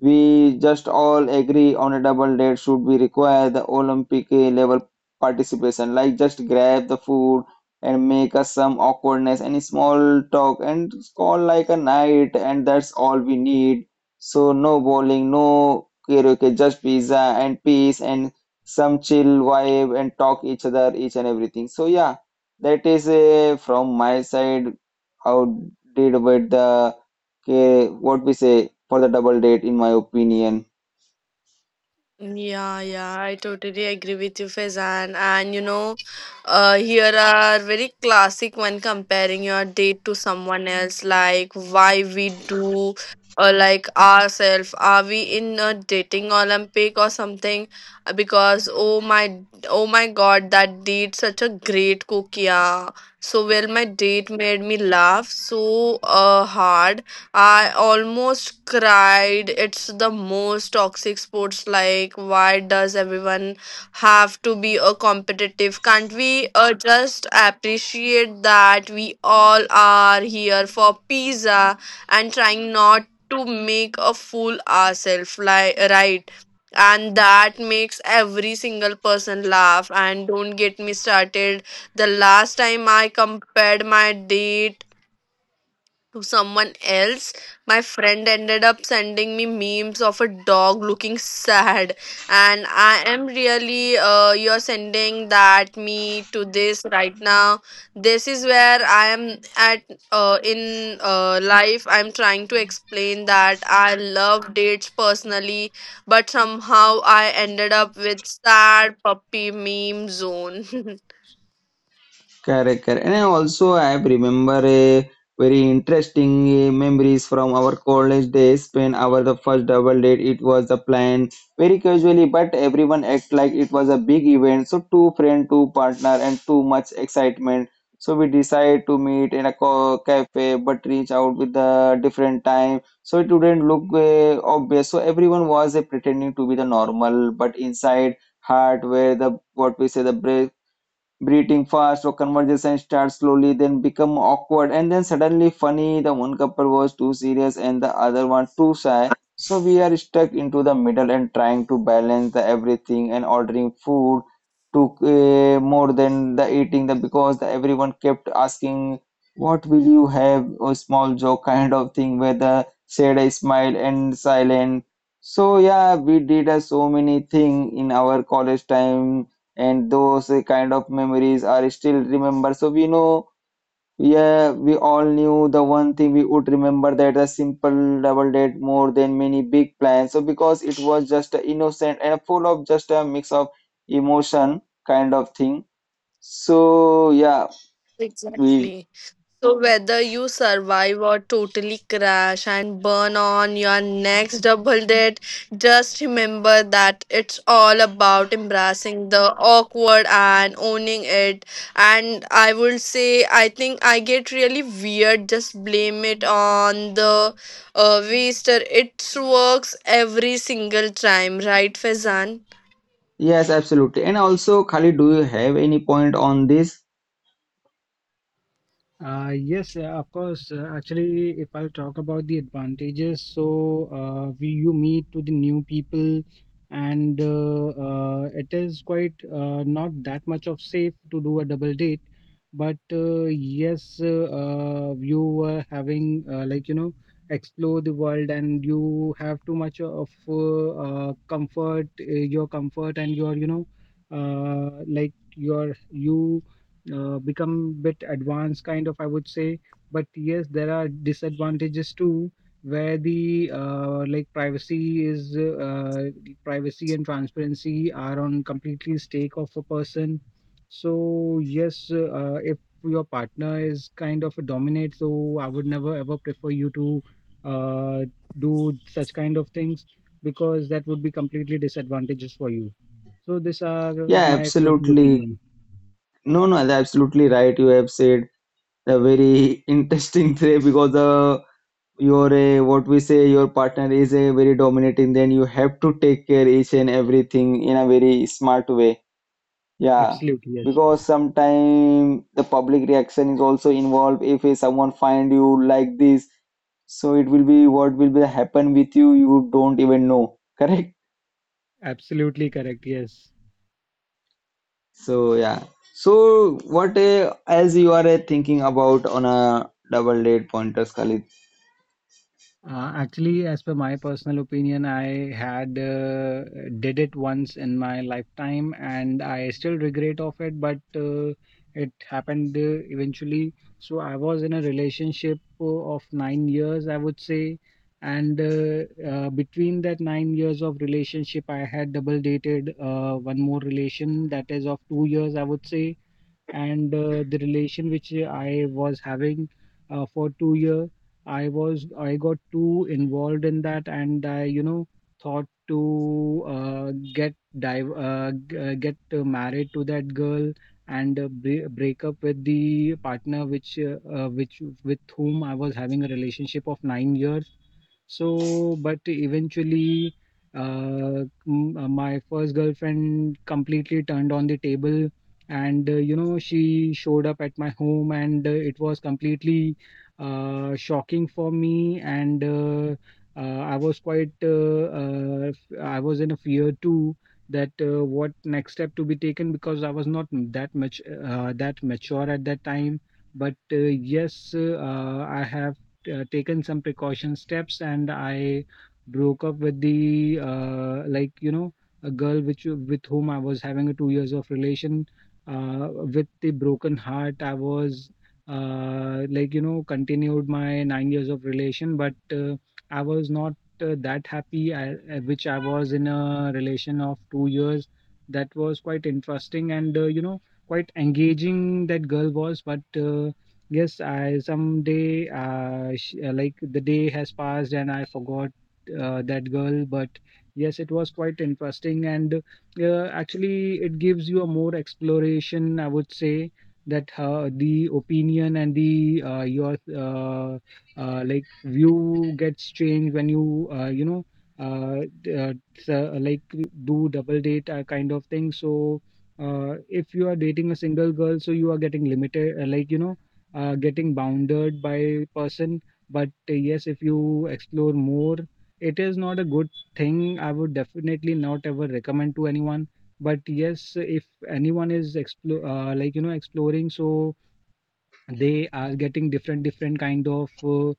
[SPEAKER 1] we just all agree on a double date should be require the Olympic level participation. Like just grab the food and make us some awkwardness and small talk and call like a night, and that's all we need. So no bowling, no karaoke, just pizza and peace and some chill vibe and talk each other each and everything. So yeah, that is from my side. How did with the okay, what we say, for the double date, in my opinion.
[SPEAKER 2] Yeah, yeah, I totally agree with you, Faizan. And you know, here are very classic when comparing your date to someone else, like why we do, or like ourselves. Are we in a dating Olympic or something? Because oh my, oh my God, that date such a great cook, yeah. So well, my date made me laugh so hard I almost cried. It's the most toxic sports. Like, why does everyone have to be a competitive? Can't we just appreciate that we all are here for pizza and trying not to make a fool ourselves? Like, right? And that makes every single person laugh. And don't get me started. The last time I compared my day to someone else, my friend ended up sending me memes of a dog looking sad, and I am really, you're sending that me to this right now. This is where I am at in life. I'm trying to explain that I love dates personally, but somehow I ended up with sad puppy meme zone. <laughs>
[SPEAKER 1] Correct, correct. And I also I remember a very interesting memories from our college days when our the first double date. It was the plan very casually, but everyone act like it was a big event. So two friend, two partner, and too much excitement. So we decide to meet in a cafe, but reach out with the different time, so it wouldn't look obvious. So everyone was pretending to be the normal, but inside heart where the, what we say, the breathing fast or conversation starts slowly, then become awkward and then suddenly funny. The one couple was too serious and the other one too shy, so we are stuck into the middle and trying to balance the everything. And ordering food took more than the eating the, because the everyone kept asking what will you have, a small joke kind of thing where the said a smile and silent. So yeah, we did so many thing in our college time, and those kind of memories are still remember. So we know, yeah, we all knew the one thing we would remember, that a simple double date more than many big plans. So because it was just a innocent and full of just a mix of emotion kind of thing. So yeah, we.
[SPEAKER 2] Exactly. So whether you survive or totally crash and burn on your next double date, just remember that it's all about embracing the awkward and owning it. And I would say, I think I get really weird, just blame it on the waster. It works every single time, right, Fezan?
[SPEAKER 1] Yes, absolutely. And also, Khalid, do you have any point on this?
[SPEAKER 3] Yes, of course. Actually, if I talk about the advantages, so we you meet to the new people, and it is quite not that much of safe to do a double date, but yes, you are having like explore the world, and you have too much of comfort, your comfort, and your like your you become bit advanced kind of I would say. But yes, there are disadvantages too, where the like privacy is privacy and transparency are on completely stake of a person. So yes, if your partner is kind of a dominate, so I would never ever prefer you to uh, do such kind of things, because that would be completely disadvantages for you. So these are
[SPEAKER 1] Yeah,
[SPEAKER 3] my few
[SPEAKER 1] absolutely.
[SPEAKER 3] opinion.
[SPEAKER 1] No, no, that's absolutely right. You have said the very <laughs> interesting thing, because the your what we say your partner is a very dominating, then you have to take care each and everything in a very smart way. Yeah,
[SPEAKER 3] Absolutely, yes.
[SPEAKER 1] because sometimes the public reaction is also involved. If someone find you like this, so it will be what will be happen with you, you don't even know. <laughs> Correct.
[SPEAKER 3] Absolutely correct. Yes.
[SPEAKER 1] So yeah, so what as you are thinking about on a double date pointers, Khalid.
[SPEAKER 3] Actually, as per my personal opinion, I had did it once in my lifetime, and I still regret of it. But it happened eventually. So I was in a relationship of 9 years, I would say, and between that 9 years of relationship, I had double dated one more relation that is of 2 years, I would say, and the relation which I was having for 2 year, I got too involved in that, and I thought to get dive g- get married to that girl, and break up with the partner which with whom I was having a relationship of 9 years. So, but eventually, my first girlfriend completely turned on the table, and she showed up at my home, and it was completely shocking for me, and I was in a fear too, that what next step to be taken, because I was not that much that mature at that time. But yes, I have taken some precaution steps, and I broke up with the like a girl which with whom I was having a 2 years of relation. With the broken heart, I was like continued my 9 years of relation, but I was not that happy. I, which I was in a relation of 2 years, that was quite interesting, and quite engaging that girl was. But uh, yes, I someday like the day has passed and I forgot that girl. But yes, it was quite interesting, and actually it gives you a more exploration, I would say, that the opinion and the your like view gets changed when you you know uh, d- uh, like do double date kind of thing. So if you are dating a single girl, so you are getting limited, like getting bounded by person. But yes, if you explore more, it is not a good thing. I would definitely not ever recommend to anyone. But yes, if anyone is explore like exploring, so they are getting different different kind of uh,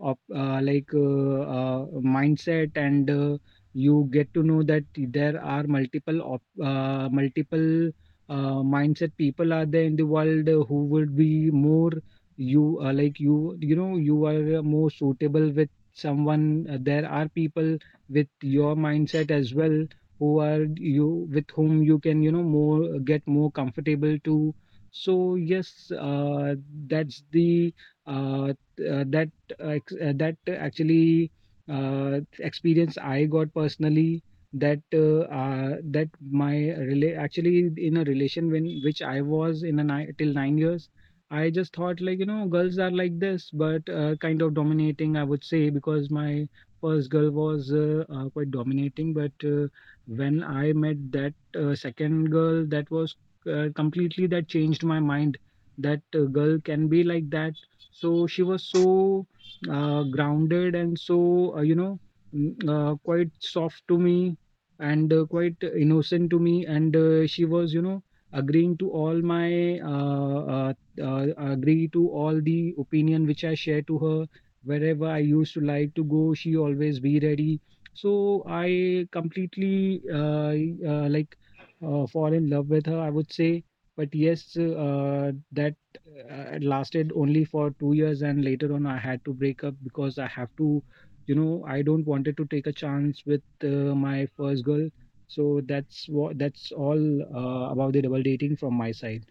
[SPEAKER 3] of uh, like mindset, and you get to know that there are multiple mindset people are there in the world, who would be more you like you are more suitable with someone. There are people with your mindset as well, who are you with whom you can more get more comfortable to. So yes, that's the uh, t- uh, that that actually experience I got personally. That my actually, in a relation when which I was in, a nine till 9 years, I just thought, like, girls are like this, but kind of dominating, I would say, because my first girl was quite dominating. But when I met that second girl, that was completely that changed my mind, that a girl can be like that. So she was so grounded, and so quite soft to me, and quite innocent to me, and she was agreeing to all my uh, uh, agree to all the opinion which I share to her. Wherever I used to like to go, she always be ready. So I completely like fall in love with her, I would say. But yes, that it lasted only for 2 years, and later on, I had to break up, because I have to, you know, I don't wanted to take a chance with my first girl. So that's all about the double dating from my side.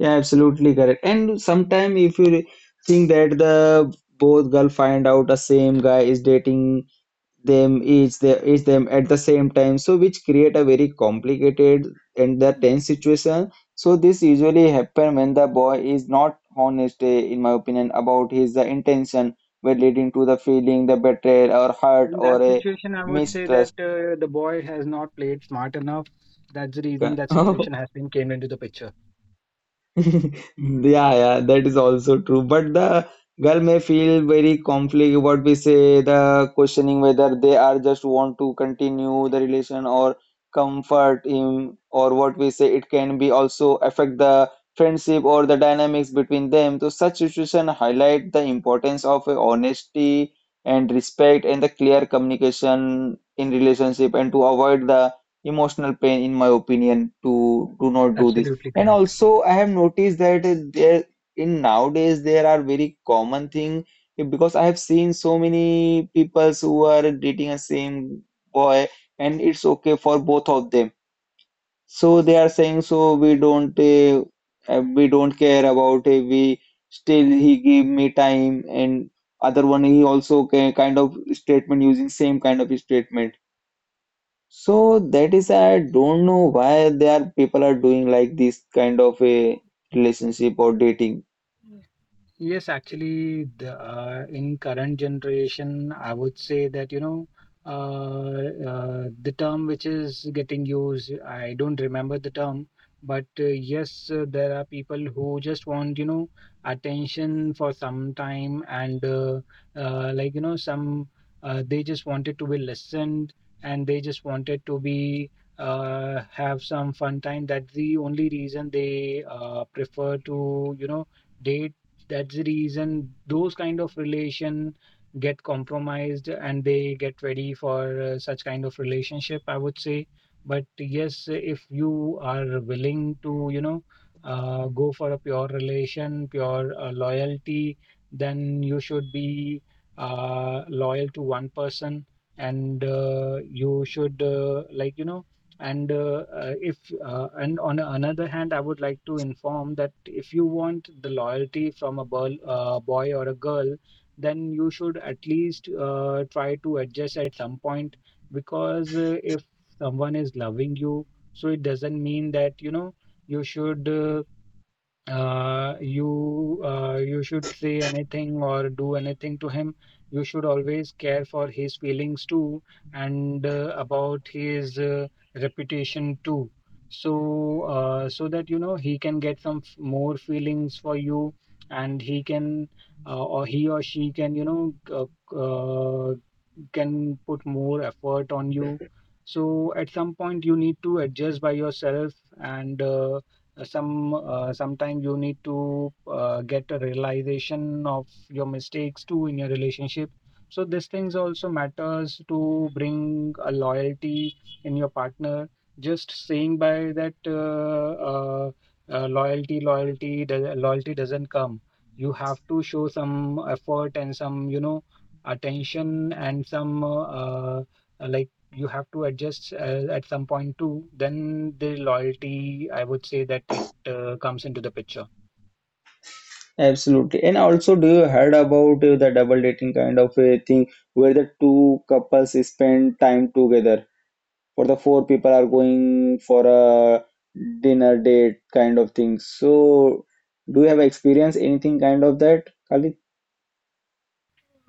[SPEAKER 1] Yeah, absolutely correct. And sometime if you think that the both girl find out the same guy is dating them each the each them at the same time, so which create a very complicated and the tense situation. So this usually happen when the boy is not honest, in my opinion, about his intention, where leading to the feeling, the betrayal or hurt
[SPEAKER 3] In
[SPEAKER 1] or
[SPEAKER 3] that
[SPEAKER 1] a
[SPEAKER 3] situation, I would say that
[SPEAKER 1] mistrust.
[SPEAKER 3] the boy has not played smart enough. That's the reason that situation
[SPEAKER 1] <laughs>
[SPEAKER 3] has been came into the picture.
[SPEAKER 1] <laughs> Yeah, yeah, that is also true. But the girl may feel very conflict. What we say, the questioning whether they are just want to continue the relation or comfort him, or what we say, it can be also affect the friendship or the dynamics between them. So such situation highlight the importance of honesty and respect and the clear communication in relationship, and to avoid the emotional pain, in my opinion, to do not do this.
[SPEAKER 3] Absolutely
[SPEAKER 1] And
[SPEAKER 3] correct.
[SPEAKER 1] also, I have noticed that there in nowadays there are very common thing because I have seen so many peoples who are dating a same boy, and it's okay for both of them. So they are saying, so we don't care about we still he give me time, and other one he also kind of statement using same kind of statement. So that is, I don't know why they are people are doing like this kind of a relationship or dating.
[SPEAKER 3] Yes, actually, in current generation, I would say that, the term which is getting used, I don't remember the term, but yes, there are people who just want, attention for some time, and like, some they just wanted to be listened, and they just wanted to be have some fun time. That's the only reason they prefer to, date. That's the reason those kind of relation get compromised, and they get ready for such kind of relationship, I would say. But yes, if you are willing to, go for a pure relation, pure loyalty, then you should be loyal to one person, and you should like and if and on the another hand, I would like to inform that if you want the loyalty from a boy or a girl, then you should at least try to adjust at some point, because if someone is loving you, so it doesn't mean that you should uh, you should say anything or do anything to him. You should always care for his feelings too, and about his reputation too. So so that he can get some more feelings for you, and he or she can put more effort on you. So at some point you need to adjust by yourself, and. Sometimes you need to get a realization of your mistakes too in your relationship, so these things also matters to bring a loyalty in your partner. Just saying by that loyalty doesn't come. You have to show some effort, and some attention, and some like you have to adjust at some point too, then the loyalty, I would say that it comes into the picture.
[SPEAKER 1] Absolutely. And also, do you heard about the double dating kind of a thing where the two couples spend time together or the four people are going for a dinner date kind of thing? So, do you have experience anything kind of that, Khalid?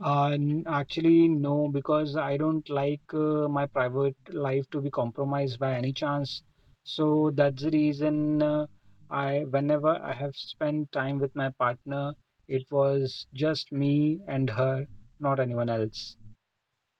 [SPEAKER 3] Actually, no, because I don't like my private life to be compromised by any chance. So that's the reason, I, whenever I have spent time with my partner, it was just me and her, not anyone else.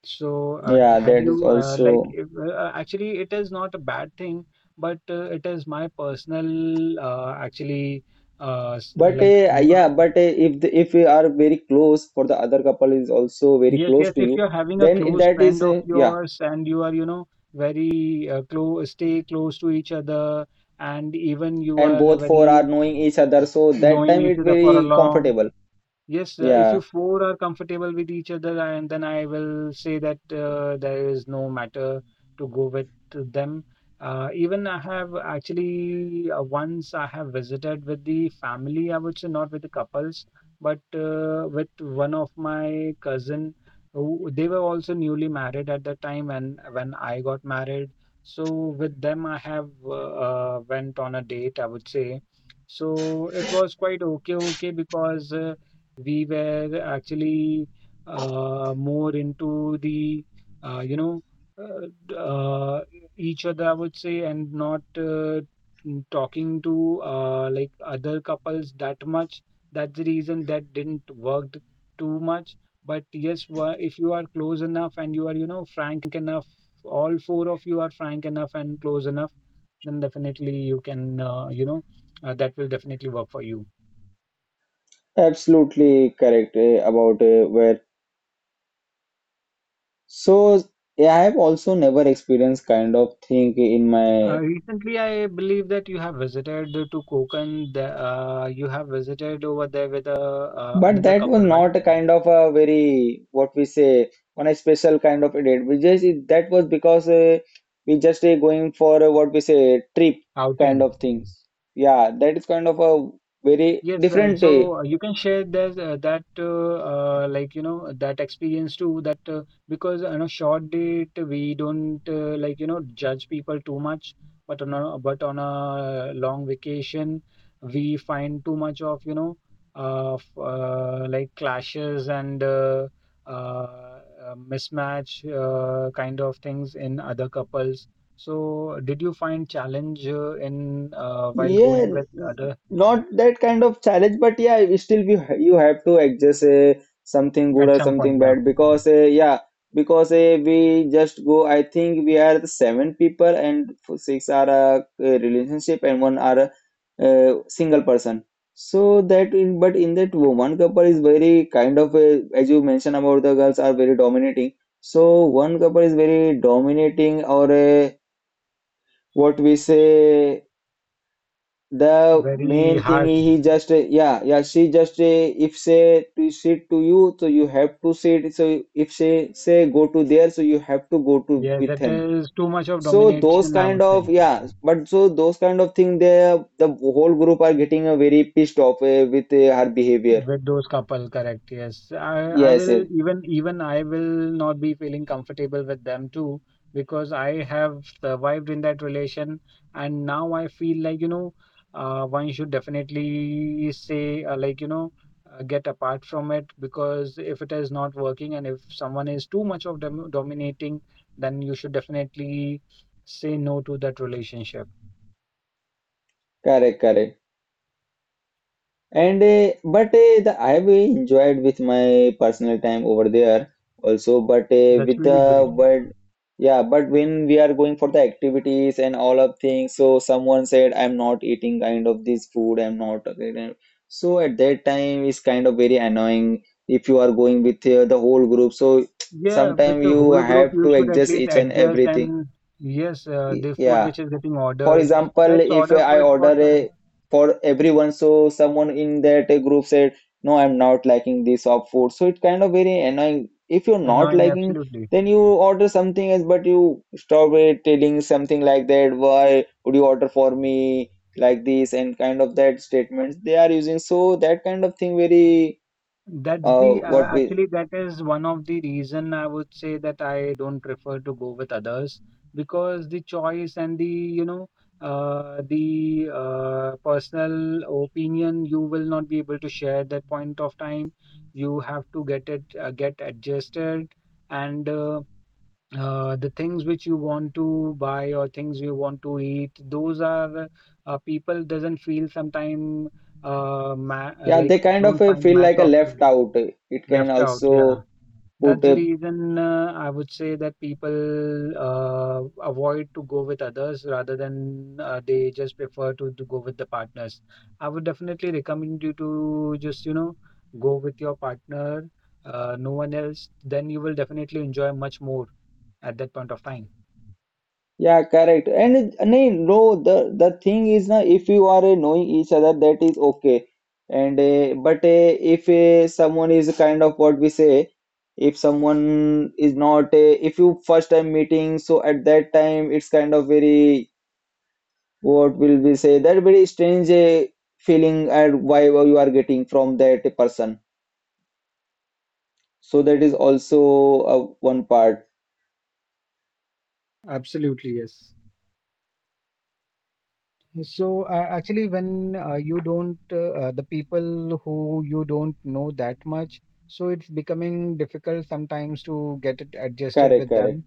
[SPEAKER 3] So,
[SPEAKER 1] Yeah,
[SPEAKER 3] had
[SPEAKER 1] that is
[SPEAKER 3] you like
[SPEAKER 1] also.
[SPEAKER 3] if, actually it is not a bad thing, but it is my personal actually s-
[SPEAKER 1] But
[SPEAKER 3] like m-
[SPEAKER 1] yeah, but if the, if you are very close for the other couple is also very
[SPEAKER 3] yes,
[SPEAKER 1] close
[SPEAKER 3] yes.
[SPEAKER 1] to
[SPEAKER 3] If
[SPEAKER 1] you,
[SPEAKER 3] you're having a
[SPEAKER 1] then it,
[SPEAKER 3] close
[SPEAKER 1] that
[SPEAKER 3] friend
[SPEAKER 1] is
[SPEAKER 3] of
[SPEAKER 1] yeah,
[SPEAKER 3] yours, and you are very close, stay close to each other, and even you
[SPEAKER 1] and
[SPEAKER 3] are
[SPEAKER 1] both four are
[SPEAKER 3] very
[SPEAKER 1] knowing each other, so that
[SPEAKER 3] knowing
[SPEAKER 1] time
[SPEAKER 3] each
[SPEAKER 1] it
[SPEAKER 3] other for a
[SPEAKER 1] very
[SPEAKER 3] long.
[SPEAKER 1] comfortable.
[SPEAKER 3] Yes, if you
[SPEAKER 1] Yeah,
[SPEAKER 3] four are comfortable with each other, and then I will say that there is no matter to go with them. Even I have actually once I have visited with the family, I would say not with the couples, but with one of my cousin, who they were also newly married at that time, and when I got married, so with them I have went on a date, I would say. So it was quite okay, okay, because. We were actually more into the uh, you know uh, d- uh, each other, I would say, and not talking to like other couples that much. That's the reason that didn't work too much. But yes, if you are close enough and you are frank enough, all four of you are frank enough and close enough, then definitely you can that will definitely work for you.
[SPEAKER 1] absolutely correct about where. So yeah, I have also never experienced kind of thing in
[SPEAKER 3] Uh,
[SPEAKER 1] my.
[SPEAKER 3] recently, I believe that you have visited to Konkan. You have visited over there with a
[SPEAKER 1] But
[SPEAKER 3] another
[SPEAKER 1] that was
[SPEAKER 3] couple, right?
[SPEAKER 1] not a kind of a very what we say on a special kind of a date. We just, that was because we just going for what we say trip kind
[SPEAKER 3] Outing.
[SPEAKER 1] of things. Yeah, that is kind of a very
[SPEAKER 3] Yes,
[SPEAKER 1] different
[SPEAKER 3] so you can share that, like you know, that experience too. That Because on a short date we don't like you know judge people too much, but on a long vacation we find too much of you know like clashes and mismatch, kind of things, in other couples. So did you find challenge in while
[SPEAKER 1] yeah,
[SPEAKER 3] going with other
[SPEAKER 1] not that kind of challenge, but yeah, you still you have to adjust something good
[SPEAKER 3] at
[SPEAKER 1] or
[SPEAKER 3] some point?
[SPEAKER 1] something
[SPEAKER 3] Yeah.
[SPEAKER 1] bad, because yeah, because we just go. I think we are the seven people and six are a relationship, and one are a single person. So that in, but in that one couple is very kind of as you mentioned about the girls are very dominating. So one couple is very dominating, or a, what we say. The
[SPEAKER 3] Very
[SPEAKER 1] main thing
[SPEAKER 3] harsh.
[SPEAKER 1] is he just yeah, yeah, she just if say to sit to you, so you have to sit. So if she say go to there, so you have to go to
[SPEAKER 3] Yes,
[SPEAKER 1] with
[SPEAKER 3] it
[SPEAKER 1] him.
[SPEAKER 3] is too much of
[SPEAKER 1] So those
[SPEAKER 3] domination, I
[SPEAKER 1] kind
[SPEAKER 3] would
[SPEAKER 1] of,
[SPEAKER 3] say,
[SPEAKER 1] yeah, but so those kind of thing, the whole group are getting a very pissed off with her behavior.
[SPEAKER 3] with those couple, correct. Yes. I
[SPEAKER 1] Yes,
[SPEAKER 3] will,
[SPEAKER 1] yes,
[SPEAKER 3] even I will not be feeling comfortable with them too, because I have survived in that relation and now I feel like, you know, one should definitely say, like, you know, get apart from it, because if it is not working and if someone is too much of dominating, then you should definitely say no to that relationship.
[SPEAKER 1] correct, correct. And but the I've enjoyed with my personal time over there also. But
[SPEAKER 3] That's
[SPEAKER 1] with
[SPEAKER 3] really great.
[SPEAKER 1] the, but yeah, but when we are going for the activities and all of things, so someone said, "I'm not eating kind of this food. I'm not. Okay." So at that time, it's kind of very annoying if you are going with the whole group. So <tsk>
[SPEAKER 3] Yeah, with
[SPEAKER 1] sometimes
[SPEAKER 3] the
[SPEAKER 1] you
[SPEAKER 3] whole group,
[SPEAKER 1] have
[SPEAKER 3] you
[SPEAKER 1] to
[SPEAKER 3] should at
[SPEAKER 1] adjust
[SPEAKER 3] least
[SPEAKER 1] each and
[SPEAKER 3] adjust
[SPEAKER 1] everything.
[SPEAKER 3] and yes, the food
[SPEAKER 1] Yeah.
[SPEAKER 3] which is getting
[SPEAKER 1] For
[SPEAKER 3] ordered,
[SPEAKER 1] example,
[SPEAKER 3] let's
[SPEAKER 1] if
[SPEAKER 3] order
[SPEAKER 1] I
[SPEAKER 3] for it for
[SPEAKER 1] order a for everyone, so someone in that group said, "No, I'm not liking this of food." So it's kind of very annoying. If you're not
[SPEAKER 3] annoying.
[SPEAKER 1] liking,
[SPEAKER 3] Absolutely.
[SPEAKER 1] then you order something else, but you stop it telling something like that. Why would you order for me like this? And kind of that statements they are using. So that kind of thing very
[SPEAKER 3] That's
[SPEAKER 1] uh
[SPEAKER 3] the
[SPEAKER 1] what we,
[SPEAKER 3] actually that is one of the reason, I would say, that I don't prefer to go with others, because the choice and the the personal opinion you will not be able to share at that point of time. You have to get it get adjusted and. The things which you want to buy or things you want to eat, those are people doesn't feel sometime
[SPEAKER 1] yeah,
[SPEAKER 3] like
[SPEAKER 1] they kind of
[SPEAKER 3] don't find
[SPEAKER 1] feel
[SPEAKER 3] match
[SPEAKER 1] like a
[SPEAKER 3] of
[SPEAKER 1] left
[SPEAKER 3] those,
[SPEAKER 1] out. It can
[SPEAKER 3] left out. Yeah,
[SPEAKER 1] also put
[SPEAKER 3] that's the
[SPEAKER 1] a.
[SPEAKER 3] reason I would say that people avoid to go with others rather than they just prefer to go with the partners. I would definitely recommend you to just you know go with your partner, no one else, then you will definitely enjoy much more at that point of time.
[SPEAKER 1] Yeah, correct. And nay, no, the thing is na, if you are knowing each other, that is okay. And but if someone is kind of what we say, if someone is not, if you first time meeting, so at that time it's kind of very what will we say that very strange feeling and vibe you are getting from that person. So that is also one part.
[SPEAKER 3] Absolutely, yes. So, actually, when you don't, the people who you don't know that much, so it's becoming difficult sometimes to get it adjusted
[SPEAKER 1] Correct,
[SPEAKER 3] with
[SPEAKER 1] correct.
[SPEAKER 3] them.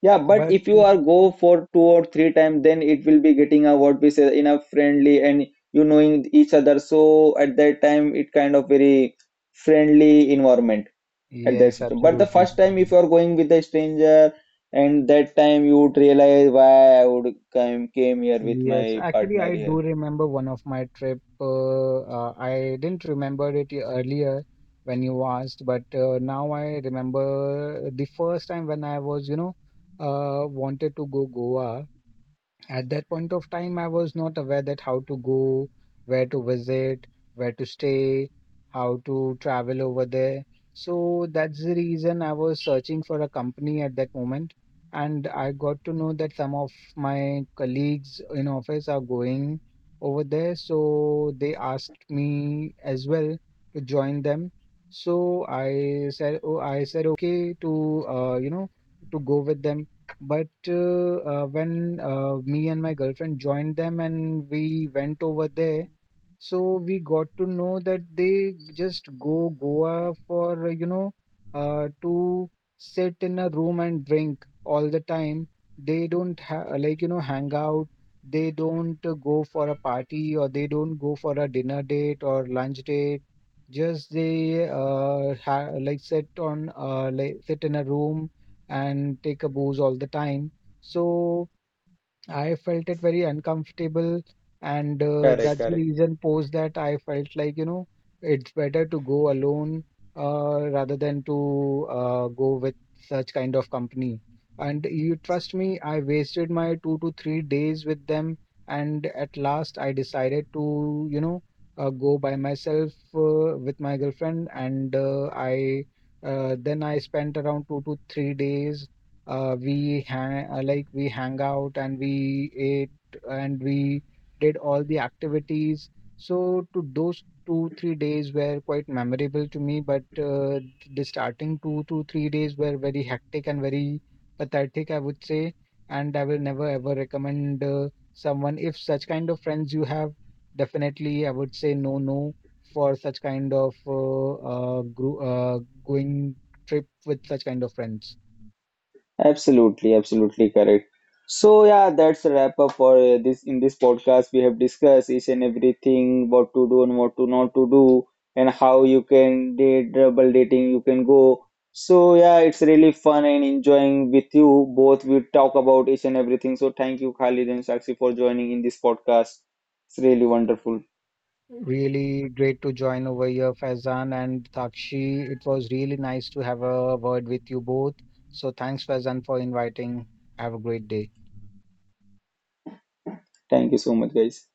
[SPEAKER 1] Yeah, but
[SPEAKER 3] But
[SPEAKER 1] if you are go for two or three times, then it will be getting a what we say in a friendly and you knowing each other. So at that time, it kind of very friendly environment at that
[SPEAKER 3] yes,
[SPEAKER 1] system. But the
[SPEAKER 3] absolutely.
[SPEAKER 1] first time, if you are going with a stranger, and that time you would realize why I would come came here with
[SPEAKER 3] Yes,
[SPEAKER 1] my
[SPEAKER 3] actually,
[SPEAKER 1] partner
[SPEAKER 3] I do
[SPEAKER 1] here.
[SPEAKER 3] remember one of my trip. I didn't remember it earlier when you asked, but now I remember the first time when I was, you know, wanted to go Goa. At that point of time, I was not aware that how to go, where to visit, where to stay, how to travel over there. So that's the reason I was searching for a company at that moment. And I got to know that some of my colleagues in office are going over there. So they asked me as well to join them. So I said, oh, I said okay to to go with them, but when me and my girlfriend joined them and we went over there, so we got to know that they just go Goa for, you know, to sit in a room and drink all the time. They don't ha like, you know, hang out. They don't go for a party, or they don't go for a dinner date or lunch date. Just they ha like sit on like sit in a room and take a booze all the time. So I felt it very uncomfortable, and
[SPEAKER 1] Correct,
[SPEAKER 3] that's the
[SPEAKER 1] correct.
[SPEAKER 3] reason post that I felt like, you know, it's better to go alone rather than to go with such kind of company. And you trust me, I wasted my 2 to 3 days with them, and at last I decided to, you know, go by myself with my girlfriend, and I then I spent around 2 to 3 days, we hang, like we hang out, and we ate and we did all the activities. So to those 2 3 days were quite memorable to me, but the starting 2 to 3 days were very hectic and very pathetic, I would say. And I will never ever recommend someone if such kind of friends you have. Definitely, I would say no, no for such kind of uh, gro- uh, going trip with such kind of friends.
[SPEAKER 1] Absolutely, absolutely correct. So yeah, that's a wrap up for this in this podcast. We have discussed each and everything, what to do and what to not to do, and how you can date double dating you can go. So yeah, it's really fun and enjoying with you. Both we talk about each and everything. So thank you, Khalid and Sakshi, for joining in this podcast. It's really wonderful.
[SPEAKER 3] Really great to join over here, Faizan and Takshi. It was really nice to have a word with you both. So thanks, Faizan, for inviting. Have a great day.
[SPEAKER 1] Thank you so much, guys.